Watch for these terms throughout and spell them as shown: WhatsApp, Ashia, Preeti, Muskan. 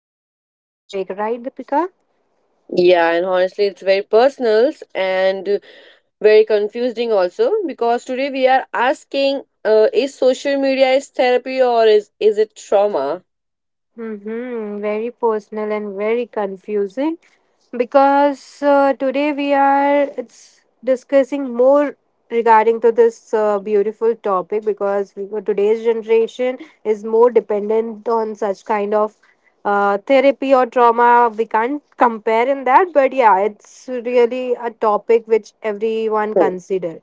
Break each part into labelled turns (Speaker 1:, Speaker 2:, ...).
Speaker 1: interesting topic, right, Deepika?
Speaker 2: Yeah, and honestly, it's very personal and very confusing also because today we are asking: Is social media is therapy or is it trauma?
Speaker 1: Mm-hmm. Very personal and very confusing because today we are it's discussing more regarding to this beautiful topic because we, today's generation is more dependent on such kind of therapy or trauma. We can't compare in that, but yeah, it's really a topic which everyone
Speaker 2: Hmm,
Speaker 1: consider.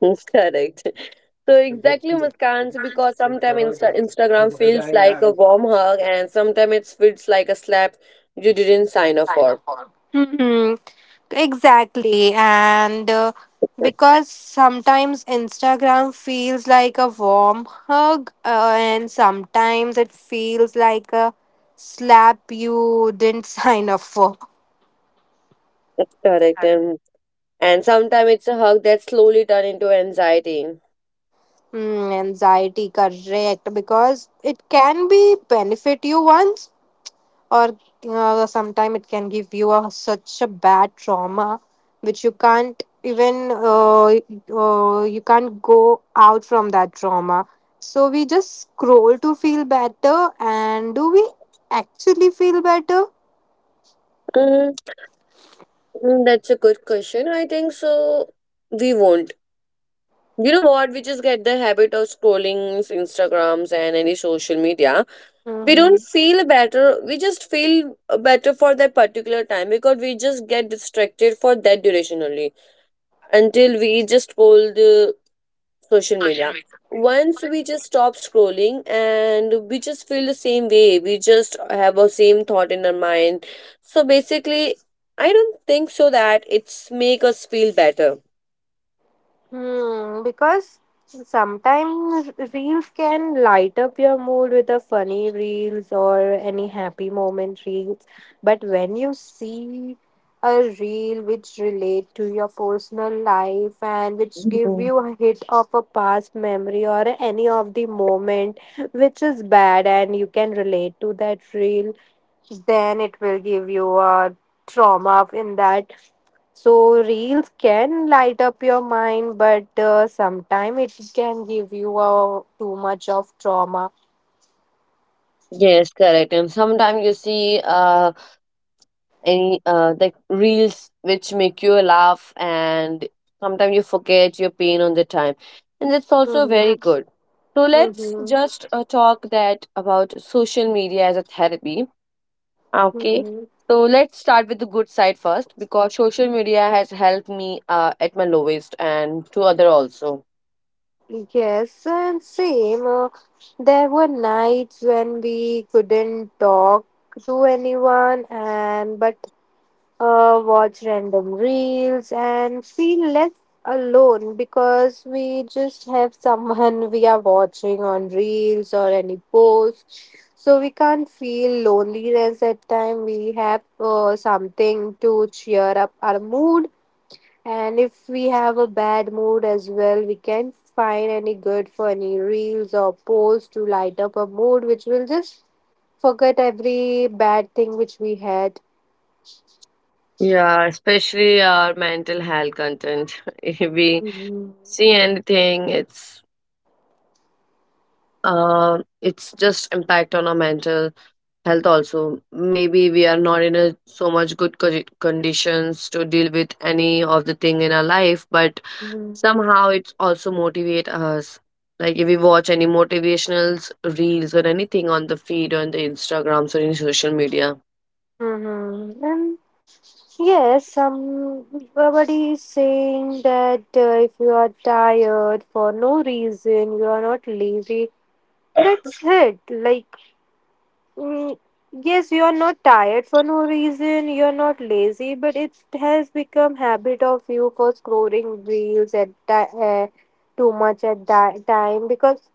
Speaker 2: Correct. So exactly, Muskan. So because sometimes Instagram feels like a warm hug, and sometimes it feels like a slap you didn't sign up for.
Speaker 1: Hmm Exactly. And because sometimes Instagram feels like a warm hug, and sometimes it feels like a slap you didn't sign up for.
Speaker 2: Correct, and sometimes it's a hug that slowly turn into anxiety.
Speaker 1: Mm, anxiety, correct. Because it can be benefit you once, or sometime it can give you a, such a bad trauma which you can't even you can't go out from that trauma. So we just scroll to feel better, and do we actually feel better?
Speaker 2: Mm-hmm. That's a good question. I think so. We won't. You know what? We just get the habit of scrolling Instagrams and any social media. We don't
Speaker 1: Mm-hmm.
Speaker 2: feel better. We just feel better for that particular time because we just get distracted for that duration only until we just scroll the social media. Once we just stop scrolling and we just feel the same way, we just have a same thought in our mind. So basically, I don't think so that it's make us feel better.
Speaker 1: Hmm, because sometimes reels can light up your mood with a funny reels or any happy moment reels. But when you see a reel which relate to your personal life and which give
Speaker 2: Mhm.
Speaker 1: you a hit of a past memory or any of the moment which is bad and you can relate to that reel, then it will give you a trauma in that. So reels can light up your mind, but sometime it can give you too much of trauma.
Speaker 2: Yes, correct. And sometimes you see any like reels which make you laugh, and sometimes you forget your pain on the time. And that's also very
Speaker 1: Mm-hmm.
Speaker 2: good. So let's
Speaker 1: Mm-hmm.
Speaker 2: just talk that about social media as a therapy. Okay,
Speaker 1: Mm-hmm.
Speaker 2: so let's start with the good side first because social media has helped me at my lowest and to other also.
Speaker 1: Yes, and same. There were nights when we couldn't talk to anyone, and but watch random reels, and feel less alone because we just have someone we are watching on reels or any post. So we can't feel loneliness at time. We have something to cheer up our mood, and if we have a bad mood as well, we can find any good funny reels or posts to light up a mood, which will just forget every bad thing which we had.
Speaker 2: Yeah, especially our mental health content. If we
Speaker 1: Mhm.
Speaker 2: see anything, it's just impact on our mental health also. Maybe we are not in a so much good conditions to deal with any of the thing in our life, but somehow it's also motivate us, like if we watch any motivational reels or anything on the feed on the instagrams or in social media.
Speaker 1: Mm-hmm. And yes, somebody is saying that if you are tired for no reason, you are not lazy. That's it. Like, mm, yes, you are not tired for no reason, you are not lazy, but it has become habit of you for scrolling reels at too much at that time because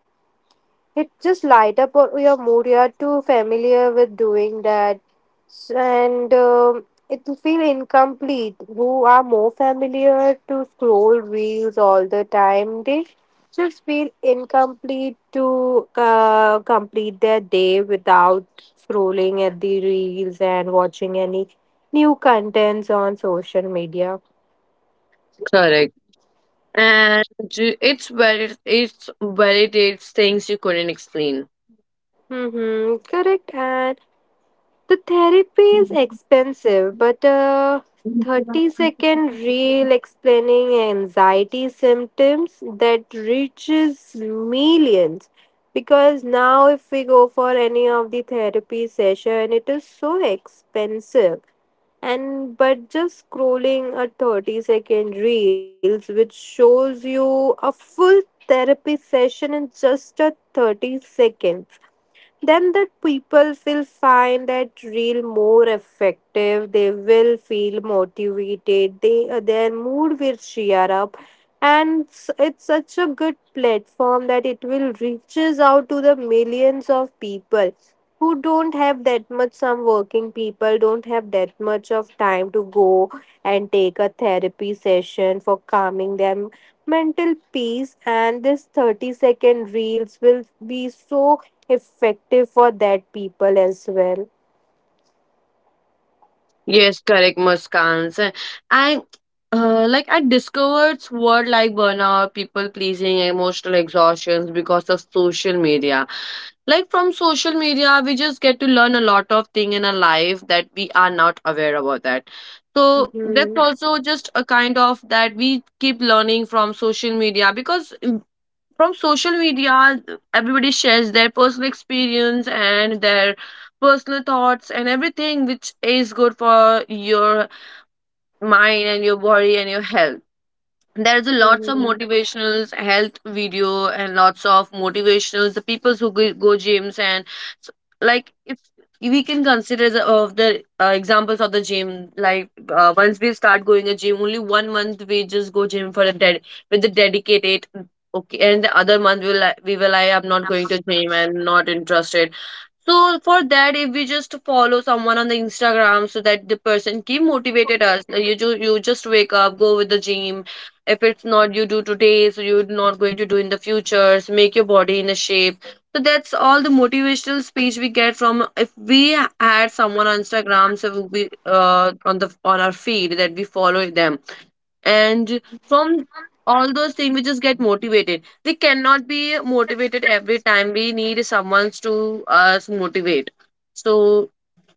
Speaker 1: it just light up your mood. You are too familiar with doing that, and it will feel incomplete. Who are more familiar to scroll reels all the time, they just feel incomplete to complete their day without scrolling at the reels and watching any new contents on social media.
Speaker 2: Correct, and it's very it's validates things you couldn't explain.
Speaker 1: Mm-hmm, correct. And the therapy is expensive, but a 30-second reel explaining anxiety symptoms that reaches millions. Because now, if we go for any of the therapy session, it is so expensive. And but just scrolling a 30-second reels, which shows you a full therapy session in just a 30 seconds, then the people will find that real more effective. They will feel motivated, they their mood will cheer up, and it's such a good platform that it will reaches out to the millions of people who don't have that much, some working people don't have that much of time to go and take a therapy session for calming their mental peace, and this 30-second reels will be so effective for that people as well.
Speaker 2: Yes, correct, Muskans. And I, like I discovered word like burnout, people pleasing, emotional exhaustions because of social media. Like, from social media we just get to learn a lot of thing in our life that we are not aware about that. So that's
Speaker 1: Hmm
Speaker 2: also just a kind of that we keep learning from social media because, from social media everybody shares their personal experience and their personal thoughts and everything which is good for your mind and your body and your health. There's a lots of
Speaker 1: hmm
Speaker 2: motivational health video and lots of motivational the people who go gyms and s- like, if we can consider the, of the examples of the gym, like once we start going a gym only 1 month, we just go gym for a dead, with the dedicated, okay, and the other month we will like, I'm not going to gym, I'm not interested. So for that, if we just follow someone on the Instagram, so that the person keep motivated us. Like, you just wake up, go with the gym. If it's not you do today, so you're not going to do in the future. So make your body in a shape. So that's all the motivational speech we get from, if we had someone on Instagram, so we on the on our feed that we follow them, and from all those things we just get motivated. We cannot be motivated every time, we need someone to us motivate. So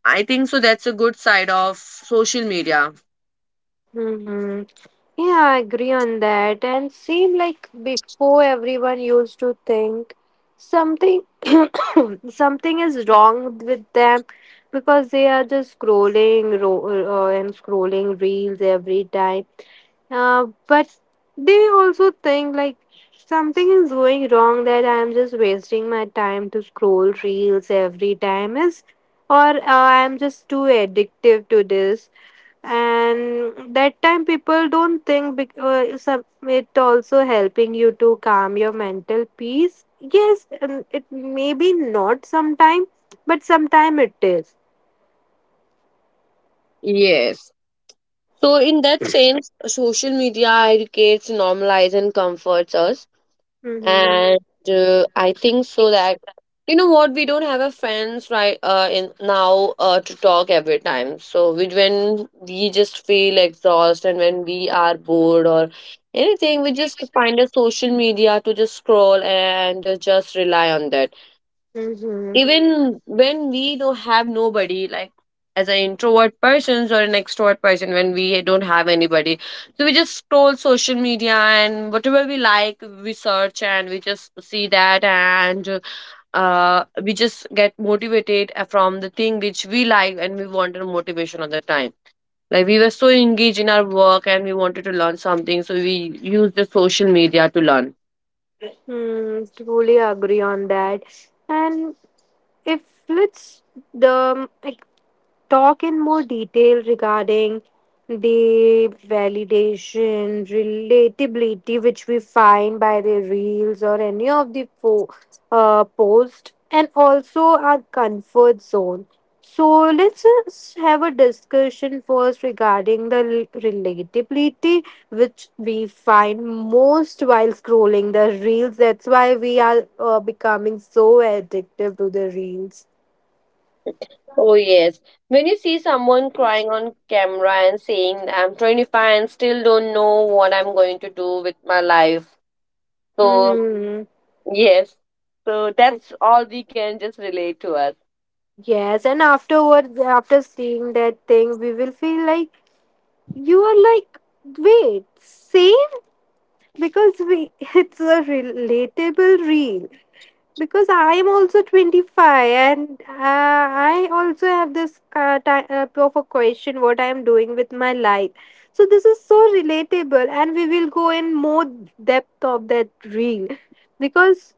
Speaker 2: I think so that's a good side of social media.
Speaker 1: hmm Yeah, I agree on that. And seem like before everyone used to think something something is wrong with them because they are just scrolling and scrolling reels every time. But they also think like something is going wrong, that I am just wasting my time to scroll reels every time is, or I am just too addictive to this. And that time people don't think some, it also helping you to calm your mental peace. Yes, it may be not sometime but sometime it is.
Speaker 2: Yes. So in that sense, social media educates, normalizes, and comforts us.
Speaker 1: Mm-hmm.
Speaker 2: And I think so that, you know what, we don't have a friends right in now to talk every time. So we, when we just feel exhausted and when we are bored or anything, we just find a social media to just scroll and just rely on that,
Speaker 1: Mm-hmm.
Speaker 2: even when we don't have nobody, like as an introvert persons or an extrovert person, when we don't have anybody. So we just scroll social media, and whatever we like we search and we just see that, and we just get motivated from the thing which we like, and we wanted motivation at the time, like we were so engaged in our work and we wanted to learn something, so we used the social media to learn.
Speaker 1: Mm, truly agree on that. And if it's the like talk in more detail regarding the validation, relatability, which we find by the reels or any of the posts, and also our comfort zone. So let's just have a discussion first regarding the relatability, which we find most while scrolling the reels. That's why we are becoming so addictive to the reels.
Speaker 2: Oh, yes. When you see someone crying on camera and saying, I'm 25 and still don't know what I'm going to do with my life. So,
Speaker 1: Mm-hmm.
Speaker 2: yes. So, that's all we can just relate to us.
Speaker 1: Yes, and afterwards, after seeing that thing, we will feel like you are like, wait, same? Because we, it's a relatable reel. Because I am also 25 and I also have this type of a question what I am doing with my life. So this is so relatable, and we will go in more depth of that reel, because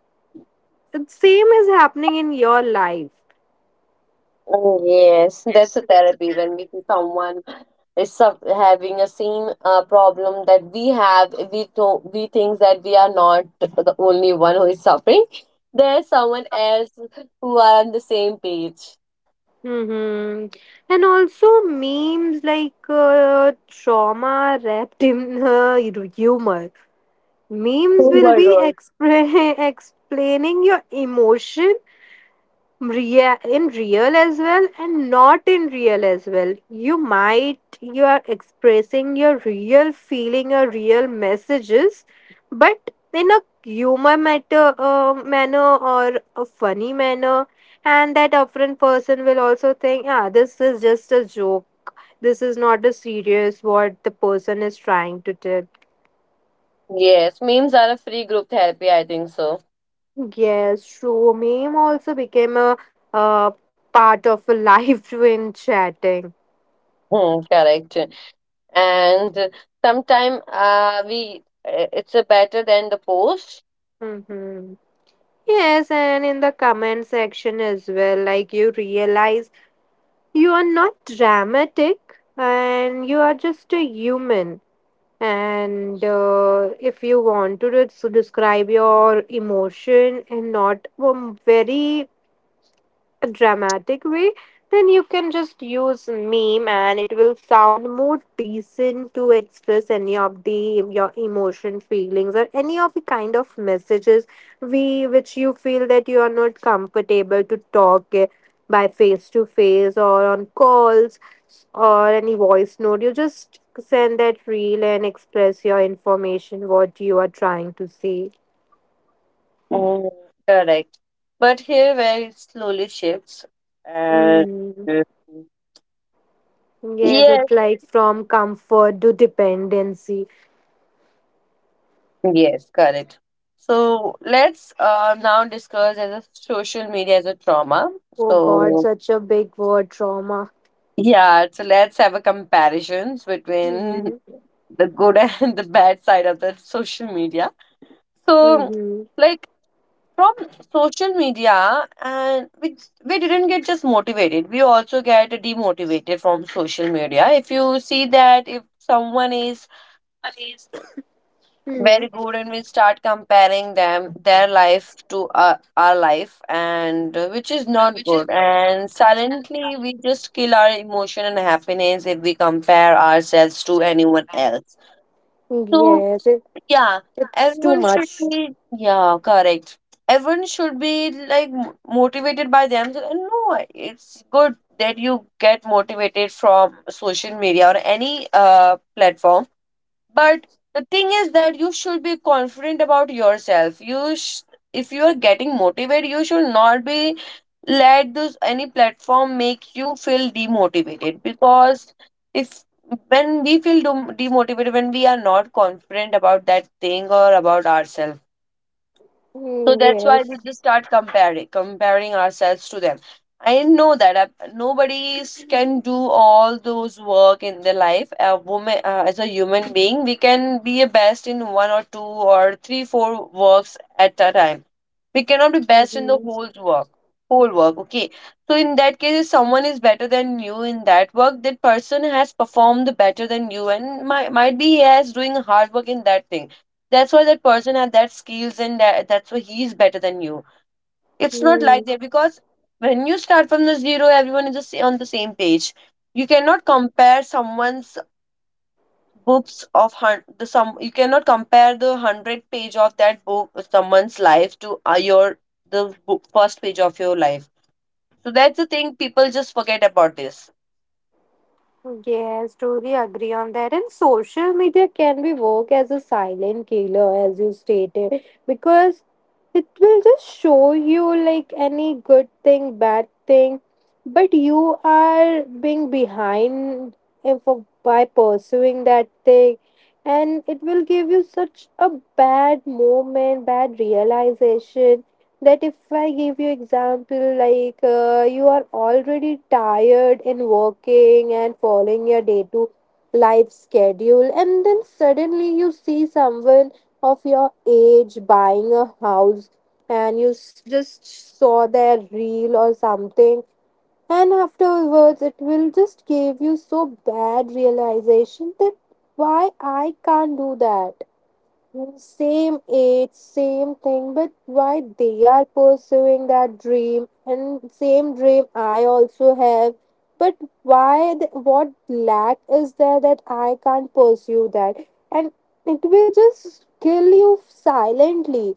Speaker 1: the same is happening in your life.
Speaker 2: Oh, yes, that's a therapy when we see someone is having a same problem that we have. We think that we are not the only one who is suffering. There's someone else who are on the same page.
Speaker 1: Hmm And also memes like trauma wrapped in humor. Memes
Speaker 2: Oh
Speaker 1: will
Speaker 2: my
Speaker 1: be
Speaker 2: god.
Speaker 1: expre explaining your emotion in real as well and not in real as well, you might you are expressing your real feeling or real messages but in a humor matter manner or a funny manner, and that upfront person will also think, ah, this is just a joke, this is not a serious what the person is trying to tell.
Speaker 2: Yes, memes are a free group therapy, I think so.
Speaker 1: Yes, true, meme also became a uh, part of a life when chatting.
Speaker 2: Hmm, correct. And sometime we it's a better than the post.
Speaker 1: Mm-hmm. Yes, and in the comment section as well, like you realize you are not dramatic and you are just a human. And if you want to describe your emotion and not very a dramatic way, then you can just use meme and it will sound more decent to express any of the your emotion, feelings or any of the kind of messages we which you feel that you are not comfortable to talk by face to face or on calls or any voice note. You just send that reel and express your information what you are trying to say.
Speaker 2: Mm, correct. But here where it slowly shifts. And
Speaker 1: Mm. Yes,
Speaker 2: yes,
Speaker 1: it's like from comfort to dependency.
Speaker 2: yes, correct. So let's now discuss as a social media as a trauma.
Speaker 1: Oh God,
Speaker 2: So
Speaker 1: such a big word, trauma.
Speaker 2: yeah, so let's have a comparisons between
Speaker 1: Mm-hmm.
Speaker 2: the good and the bad side of the social media. So,
Speaker 1: Mm-hmm.
Speaker 2: like, from social media, and we didn't get just motivated, we also get demotivated from social media. If you see that if someone is
Speaker 1: Mm-hmm.
Speaker 2: very good and we start comparing them their life to our life, and which is not good, and silently we just kill our emotion and happiness if we compare ourselves to anyone else. So
Speaker 1: Yes, it,
Speaker 2: yeah,
Speaker 1: it's too
Speaker 2: everyone should
Speaker 1: much.
Speaker 2: be, yeah, correct. Everyone should be like motivated by themselves. And no, it's good that you get motivated from social media or any platform, but the thing is that you should be confident about yourself. You if you are getting motivated you should not be let this any platform make you feel demotivated, because if, when we feel demotivated, when we are not confident about that thing or about ourselves, so
Speaker 1: Mm,
Speaker 2: that's why we
Speaker 1: yes.
Speaker 2: just start comparing ourselves to them. I know that nobody can do all those work in their life. A woman, as a human being, we can be a best in one or two or three, four works at a time. We cannot be best in the
Speaker 1: Mm-hmm.
Speaker 2: whole work, whole work. Okay. So in that case, if someone is better than you in that work, that person has performed better than you, and might be he has doing hard work in that thing, that's why that person had that skills and that's why he is better than you. It's not like that, because when you start from the zero, everyone is just on the same page. You cannot compare someone's books of the some. You cannot compare the hundred page of that book someone's life to your the book, first page of your life. So that's the thing. People just forget about this.
Speaker 1: Yes, truly agree on that. And social media can be work as a silent killer, as you stated, because it will just show you like any good thing, bad thing, but you are being behind if, by pursuing that thing, and it will give you such a bad moment, bad realization, that if I give you example like you are already tired and working and following your day to life schedule, and then suddenly you see someone of your age buying a house and you just saw their reel or something, and afterwards it will just give you so bad realization that why I can't do that. Mm, same age, same thing, but why they are pursuing that dream and same dream I also have. But why, what lack is there that I can't pursue that? And it will just kill you silently.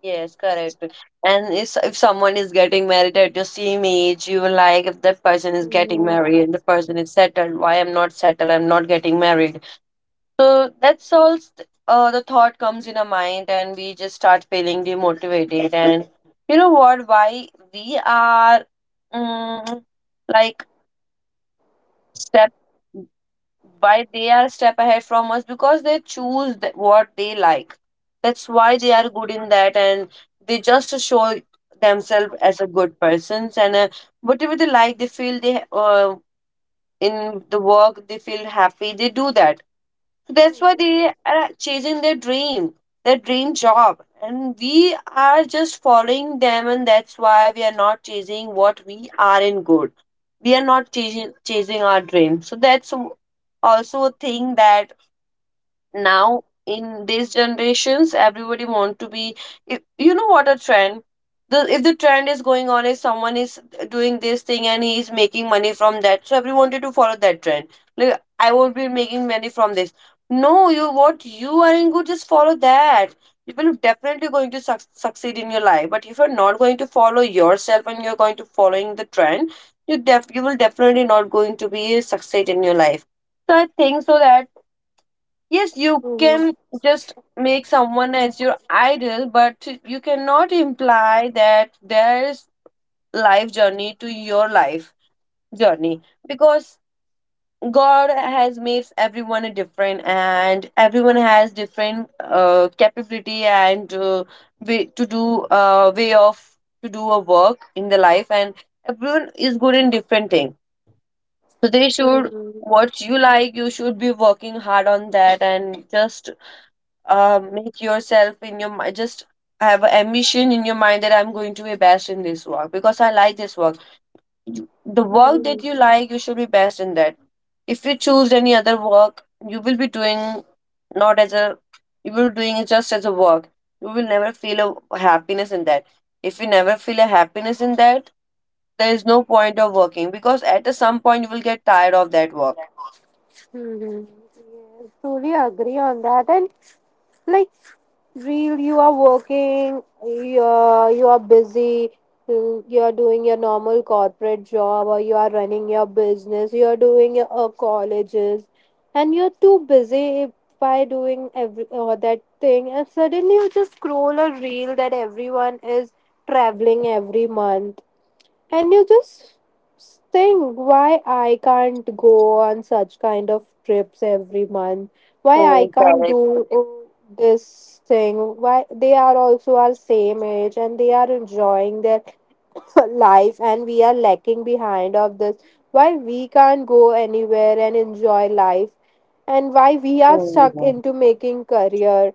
Speaker 2: Yes, correct. And if someone is getting married at your same age, you will like, if that
Speaker 1: Mhm.
Speaker 2: person is getting married and the person is settled, why I'm not settled, I'm not getting married. So that's all the thought comes in our mind, and we just start feeling demotivated. And you know what? Why we are, mm, like, step, why they are a step ahead from us, because they choose what they like, that's why they are good in that. And they just show themselves as a good persons, and whatever they like they feel they in the work they feel happy they do that, that's why they are chasing their dream, their dream job, and we are just following them, and that's why we are not chasing what we are in good. We are not chasing our dream. So that's also a thing that now in these generations everybody want to be, if, you know what, a trend, the if the trend is going on is someone is doing this thing and he is making money from that, so everyone wanted to follow that trend, like I won't be making money from this. No, you what you are in good, just follow that, you will definitely going to succeed in your life. But if you're not going to follow yourself and you're going to following the trend, you def you will definitely not going to be succeed in your life. So I think so that, yes, you
Speaker 1: Mhm.
Speaker 2: can just make someone as your idol, but you cannot imply that their life journey to your life journey, because God has made everyone different, and everyone has different capability and way to do way of to do a work in the life, and everyone is good in different thing. So they should,
Speaker 1: Mhm.
Speaker 2: what you like you should be working hard on that and just make yourself in your mind, just have an ambition in your mind that I'm going to be best in this work because I like this work. The work
Speaker 1: Mhm.
Speaker 2: that you like you should be best in that. If you choose any other work you will be doing, not as a, you will doing it just as a work. You will never feel a happiness in that. If you never feel a happiness in that, there is no point of working because at a some point you will get tired of that work.
Speaker 1: Mhm. Yes, truly agree on that. And like real you are working, you're you are busy, you are doing your normal corporate job or you are running your business, you are doing your colleges and you're too busy by doing every that thing, and suddenly you just scroll a reel that everyone is traveling every month, and you just think, why I can't go on such kind of trips every month, why I
Speaker 2: Mm,
Speaker 1: can't
Speaker 2: correct.
Speaker 1: do this thing, why they are also our same age and they are enjoying their life and we are lacking behind of this, why we can't go anywhere and enjoy life, and why we are stuck
Speaker 2: Mm.
Speaker 1: into making career.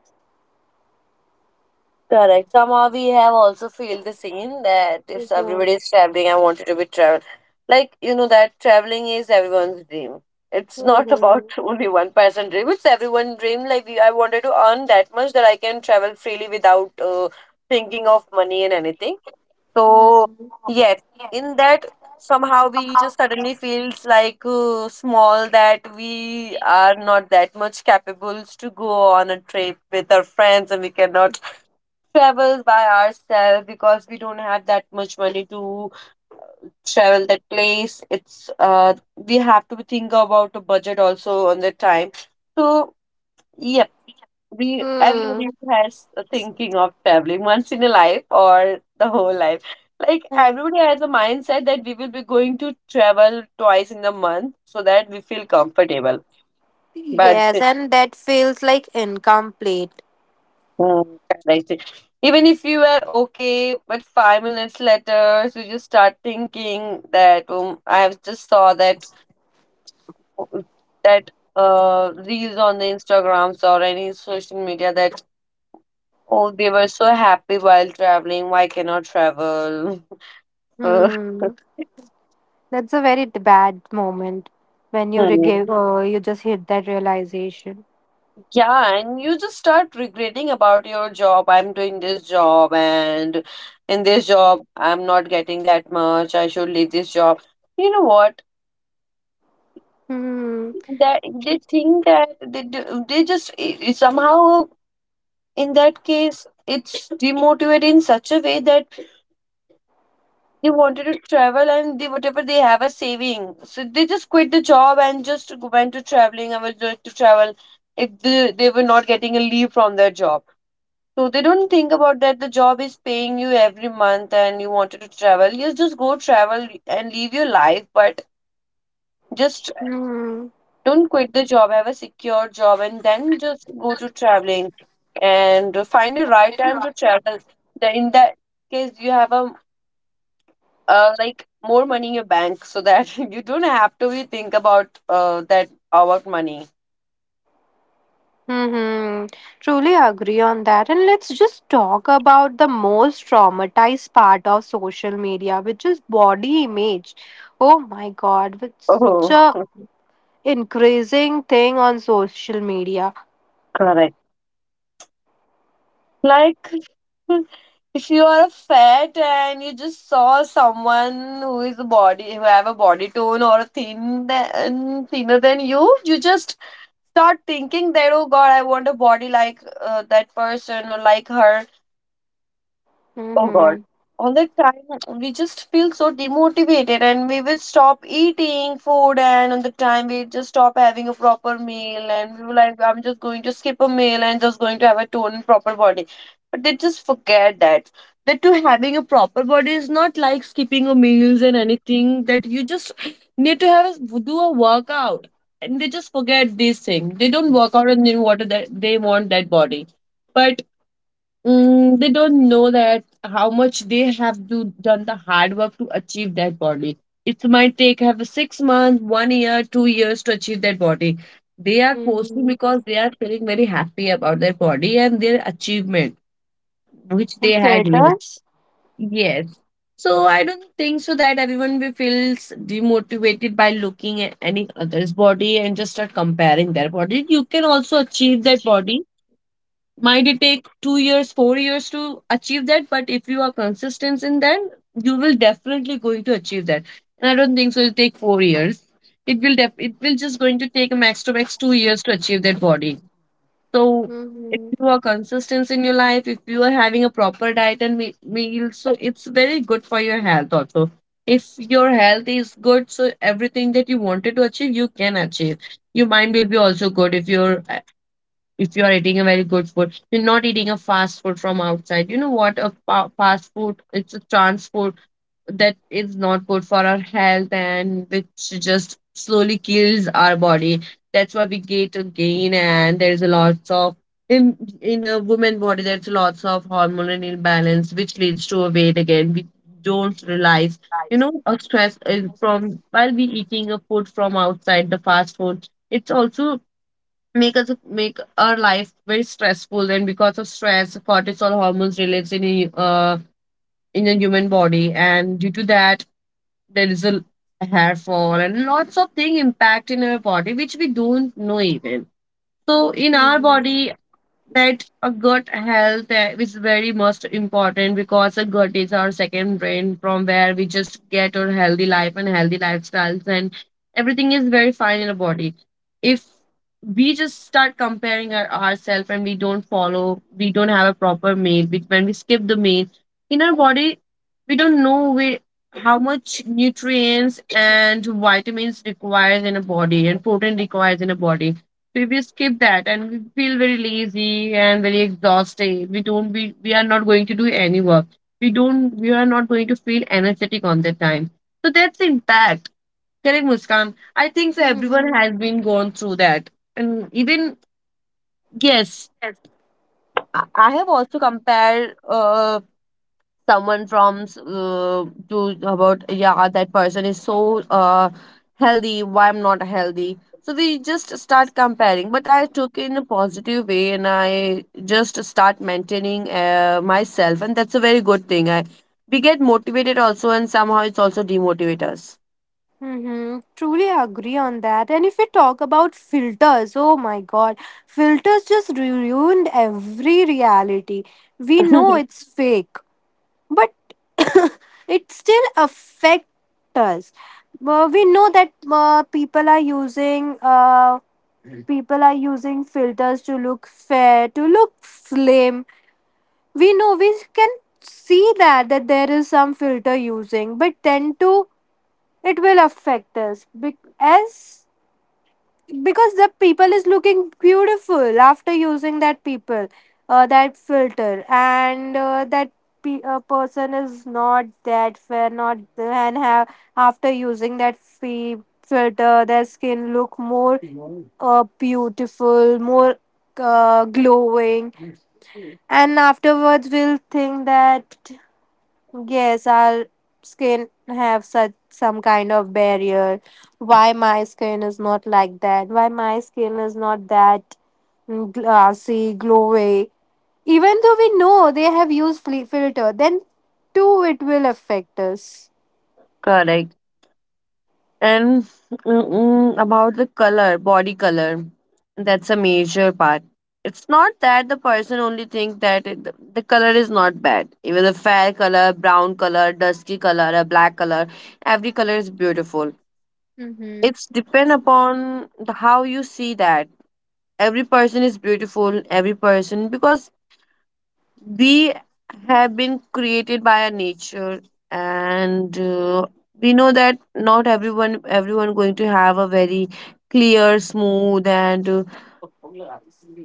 Speaker 2: Correct. Somehow we have also feel the same that if
Speaker 1: Mhm.
Speaker 2: everybody is traveling, I wanted to be travel. Like you know that traveling is everyone's dream. It's not about
Speaker 1: Mhm.
Speaker 2: only one person dream. It's everyone's dream. Like I wanted to earn that much that I can travel freely without thinking of money and anything. So yes, in that somehow we just suddenly feels like small that we are not that much capable to go on a trip with our friends and we cannot travel by ourselves because we don't have that much money to travel that place. It's uh, we have to think about a budget also on the time. So yep, we everybody
Speaker 1: Hmm.
Speaker 2: has a thinking of traveling once in a life or the whole life. Like everybody has a mindset that we will be going to travel twice in a month so that we feel comfortable. But
Speaker 1: Yes, and that feels like incomplete.
Speaker 2: mm, that I see. Even if you were okay, but 5 minutes later, so you just start thinking that I have just saw that that uh, reels on the Instagrams or any social media that oh they were so happy while traveling. Why cannot travel? So,
Speaker 1: Hmm. That's a very bad moment when you
Speaker 2: hmm.
Speaker 1: you just hit that realization.
Speaker 2: Yeah, and you just start regretting about your job. I'm doing this job, and in this job, I'm not getting that much. I should leave this job. You know what?
Speaker 1: Hmm.
Speaker 2: That they think that they do, they just somehow in that case it's demotivated in such a way that they wanted to travel and they whatever they have a saving, so they just quit the job and just went to traveling. I was like to travel. If they were not getting a leave from their job, so they don't think about that the job is paying you every month and you wanted to travel, you just go travel and live your life. But just
Speaker 1: Hmm.
Speaker 2: don't quit the job, have a secure job, and then just go to traveling and find the right time to travel. In that case, you have a like more money in your bank so that you don't have to be think about that about money.
Speaker 1: Hmm. Truly agree on that. And let's just talk about the most traumatized part of social media, which is body image. Oh my God, it's such
Speaker 2: Oh,
Speaker 1: a increasing thing on social media.
Speaker 2: correct. Like if you are a fat and you just saw someone who is a body who have a body tone or a thinner than you, you just start thinking that oh god, I want a body like that person or like her. Oh God.
Speaker 1: Hmm.
Speaker 2: All the time, we just feel so demotivated and we will stop eating food, and on the time, we just stop having a proper meal. And we were like, I'm just going to skip a meal and just going to have a tone and proper body. But they just forget that. That to having a proper body is not like skipping a meals and anything, that you just need to have a, do a workout. And they just forget these things. They don't work out and they, what, that they want that body. But mm, they don't know that how much they have to done the hard work to achieve that body. It might take have a 6 months, one year, 2 years to achieve that body. They are posting
Speaker 1: Hmm.
Speaker 2: because they are feeling very happy about their body and their achievement which they
Speaker 1: And
Speaker 2: had made.
Speaker 1: filters.
Speaker 2: Yes. So I don't think so that everyone will feels demotivated by looking at any other's body and just start comparing their body. You can also achieve that body, might it take 2 years, 4 years to achieve that. But if you are consistent in that, you will definitely going to achieve that. And I don't think so it'll take 4 years. It will it will just going to take a max to max 2 years to achieve that body. So if
Speaker 1: Hmm.
Speaker 2: you are consistent in your life, if you are having a proper diet and meal, so it's very good for your health also. If your health is good, so everything that you wanted to achieve you can achieve. Your mind will be also good if your, if you are eating a very good food, you're not eating a fast food from outside. You know what, a fast food, it's a trans food that is not good for our health and which just slowly kills our body. That's why we get a gain and there's a lots of, in a woman body there's lots of hormonal imbalance which leads to a weight again, we don't realize. You know a stress is from while we eating a food from outside, the fast food, it's also make us, make our life very stressful, and because of stress cortisol hormones released in a, in the human body, and due to that there is a hair fall and lots of thing impact in our body which we don't know even. So in our
Speaker 1: Hmm.
Speaker 2: body, that a gut health is very most important because a gut is our second brain from where we just get our healthy life and healthy lifestyles and everything is very fine in the body. If we just start comparing ourselves and we don't follow, we don't have a proper meal, when we skip the meal, in our body we don't know how much nutrients and vitamins requires in a body and protein requires in a body, we will skip that and we feel very lazy and very exhausted, we don't, we are not going to do any work, we don't, we are not going to feel energetic on that time. So that's the impact. Correct, Muskan, I think so everyone
Speaker 1: Hmm.
Speaker 2: has been gone through that. And even yes,
Speaker 1: Hmm.
Speaker 2: I have also compared uh, someone from to about yeah that person is so uh healthy, why I'm not healthy. So they just start comparing, but I took it in a positive way and I just start maintaining myself and that's a very good thing. I We get motivated also and somehow it's also demotivate us.
Speaker 1: Mm-hmm. Truly agree on that. And if we talk about filters, oh my god, filters just ruined every reality. We know it's fake, but it still affects us. We know that people are using filters to look fair, to look slim. We know we can see that that there is some filter using, but then to it will affect us as because the people is looking beautiful after using that people that filter, and that person is not that fair not and have after using that filter their skin look more beautiful more glowing, and afterwards we'll think that, yes, our skin have such some kind of barrier. Why my skin is not like that? Why my skin is not that mm, glassy, glowy? Even though we know they have used filter, then too it will affect us.
Speaker 2: Correct. And mm-mm, about the color, body color, that's a major part. It's not that the person only think that it, the color is not bad. Even a fair color, brown color, dusky color, a black color, every color is beautiful.
Speaker 1: Mm-hmm.
Speaker 2: It's depend upon the, how you see that. Every person is beautiful, every person, because we have been created by our nature and we know that not everyone, everyone going to have a very clear smooth and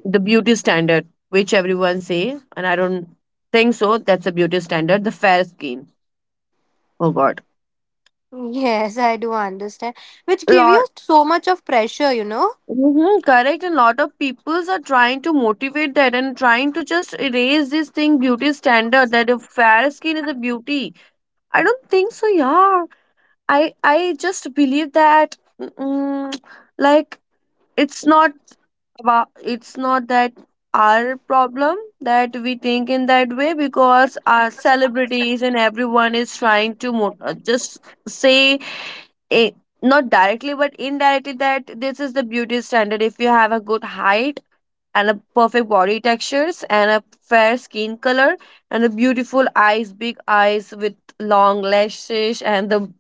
Speaker 2: the beauty standard which everyone say. And I don't think so that's a beauty standard, the fair skin. Oh god.
Speaker 1: Yes, I do understand. Which give you
Speaker 2: Lot,
Speaker 1: so much of pressure, you know.
Speaker 2: hmm, correct, and lot of peoples are trying to motivate that and trying to just erase this thing beauty standard that a fair skin is a beauty. I don't think so, yeah. I just believe that mm, like it's not about, it's not that our problem that we think in that way, because our celebrities and everyone is trying to just say eh, not directly but indirectly that this is the beauty standard. If you have a good height and a perfect body textures and a fair skin color and a beautiful eyes, big eyes with long lashes, and the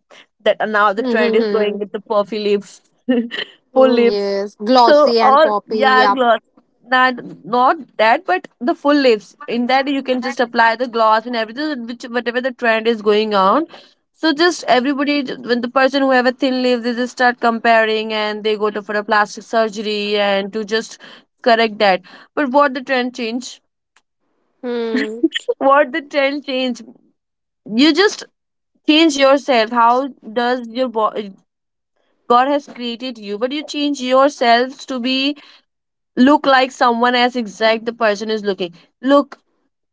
Speaker 2: that now the trend is going
Speaker 1: Mm-hmm.
Speaker 2: with the puffy lips, full lips.
Speaker 1: Yes,
Speaker 2: So
Speaker 1: glossy and
Speaker 2: all
Speaker 1: poppy.
Speaker 2: yeah,
Speaker 1: Yeah.
Speaker 2: gloss. Not not that, but the full lips. In that you can just apply the gloss and everything, which whatever the trend is going on. So just everybody, when the person who have a thin lips, they just start comparing and they go to for a plastic surgery and to just correct that. But what the trend change?
Speaker 1: Hmm.
Speaker 2: What the trend change? You just change yourself. How does your God has created you, but you change yourself to be look like someone as exact the person is looking. Look,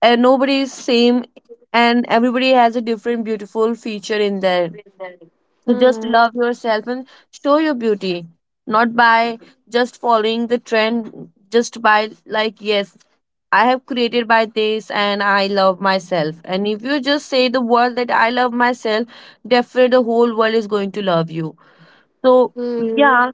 Speaker 2: and nobody is same, and everybody has a different beautiful feature in their. So just love yourself and show your beauty, not by just following the trend, just by like, yes, I have created by this and I love myself. And if you just say the word that I love myself, definitely the whole world is going to love you. So,
Speaker 1: Mm.
Speaker 2: yeah,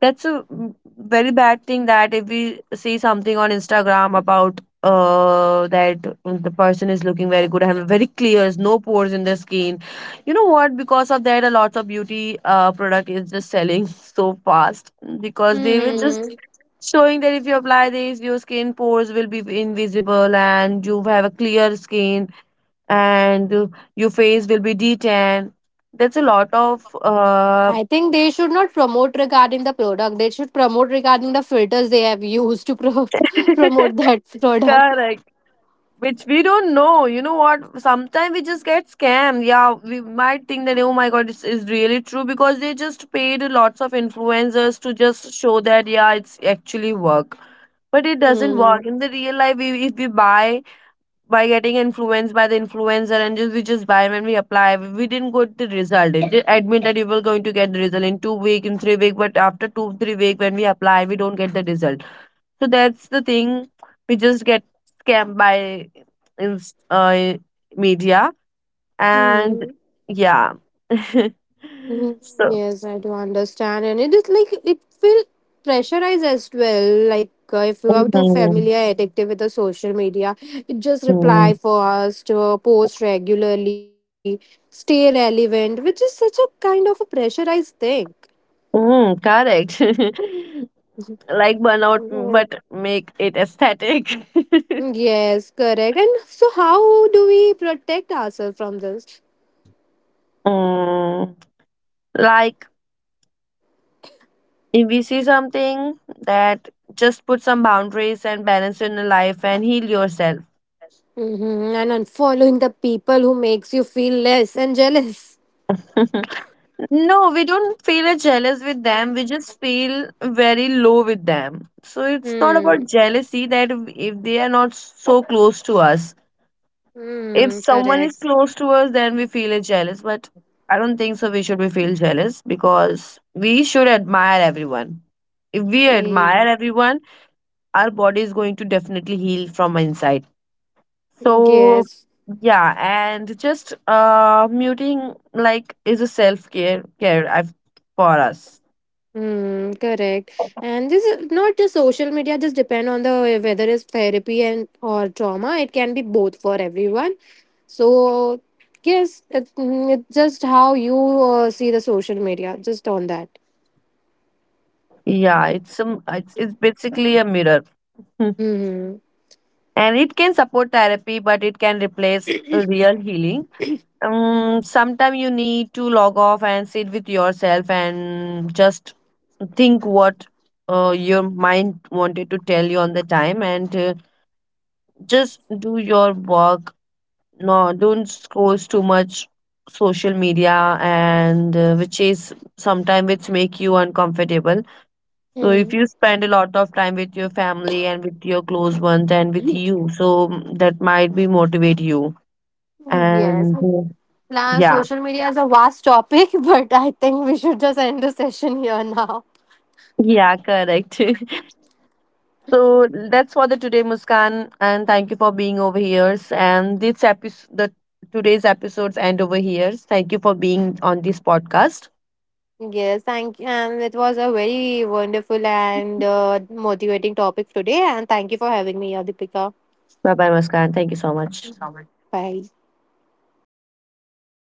Speaker 2: that's a very bad thing that if we see something on Instagram about uh, that the person is looking very good and very clear, there's no pores in their skin. You know what? Because of that, a lot of beauty uh, product is just selling so fast because they were just
Speaker 1: Mhm.
Speaker 2: showing that if you apply this, your skin pores will be invisible and you have a clear skin and your face will be detan. That's a lot of uh.
Speaker 1: I think they should not promote regarding the product. They should promote regarding the filters they have used to promote that product.
Speaker 2: Correct, which we don't know. You know what, sometimes we just get scammed. Yeah, we might think that oh my god, this is really true because they just paid lots of influencers to just show that yeah, it's actually work. But it doesn't
Speaker 1: Mm.
Speaker 2: work in the real life. We, if we buy by getting influenced by the influencer and just we just buy, when we apply we didn't get the result. It just admit that you were going to get the result in 2 week, in 3 week, but after 2 3 week when we apply we don't get the result. So that's the thing. We just get scammed by inst- uh, media. And
Speaker 1: Mm.
Speaker 2: yeah.
Speaker 1: Mhm.
Speaker 2: So,
Speaker 1: Yes, I do understand, and it is like it will pressurize as well. Like if you are too
Speaker 2: mhm.
Speaker 1: familiar, addictive with the social media, it just
Speaker 2: Mm.
Speaker 1: reply for us to post regularly, stay relevant, which is such a kind of a pressurized thing.
Speaker 2: Mm, correct. Like burnout, but make it aesthetic.
Speaker 1: Mm, yes, correct. And so, how do we protect ourselves from this?
Speaker 2: Mm, like, if we see something that just put some boundaries and balance in your life and heal yourself.
Speaker 1: Hmm And unfollowing the people who makes you feel less and jealous.
Speaker 2: No, we don't feel a jealous with them. We just feel very low with them. So it's not
Speaker 1: Hmm.
Speaker 2: about jealousy, that if they are not so close to us. If
Speaker 1: Hmm.
Speaker 2: someone is
Speaker 1: Correct.
Speaker 2: close to us, then we feel a jealous. But I don't think so. We should be feel jealous because we should admire everyone. If we
Speaker 1: Eh,
Speaker 2: admire everyone, our body is going to definitely heal from inside. So
Speaker 1: Yes.
Speaker 2: yeah, and just uh, muting like is a self care, I've for us.
Speaker 1: Hmm. Correct. And this is not just social media. Just depend on the whether it's therapy and or trauma. It can be both for everyone. So yes, it, mm, it's just how you see the social media. Just on that.
Speaker 2: Yeah, it's basically a mirror. Hmm.
Speaker 1: Mm-hmm.
Speaker 2: And it can support therapy, but it can replace real healing. Sometimes you need to log off and sit with yourself and just think what your mind wanted to tell you on the time, and just do your work. No, don't scroll too much social media and which is sometimes which make you uncomfortable. So
Speaker 1: Hmm.
Speaker 2: if you spend a lot of time with your family and with your close ones and with you, so mm, that might be motivate you.
Speaker 1: Yes.
Speaker 2: And
Speaker 1: Now,
Speaker 2: yeah,
Speaker 1: social media is a vast topic, but I think we should just end the session here now.
Speaker 2: yeah, correct. So that's for the today, Muskan, and thank you for being over here. And this episode, the today's episodes end over here. Thank you for being on this podcast.
Speaker 1: Yes, thank you. And it was a very wonderful and motivating topic today. And thank you for having me, Adipika.
Speaker 2: Bye bye, Muskan. Thank you so much.
Speaker 1: Bye.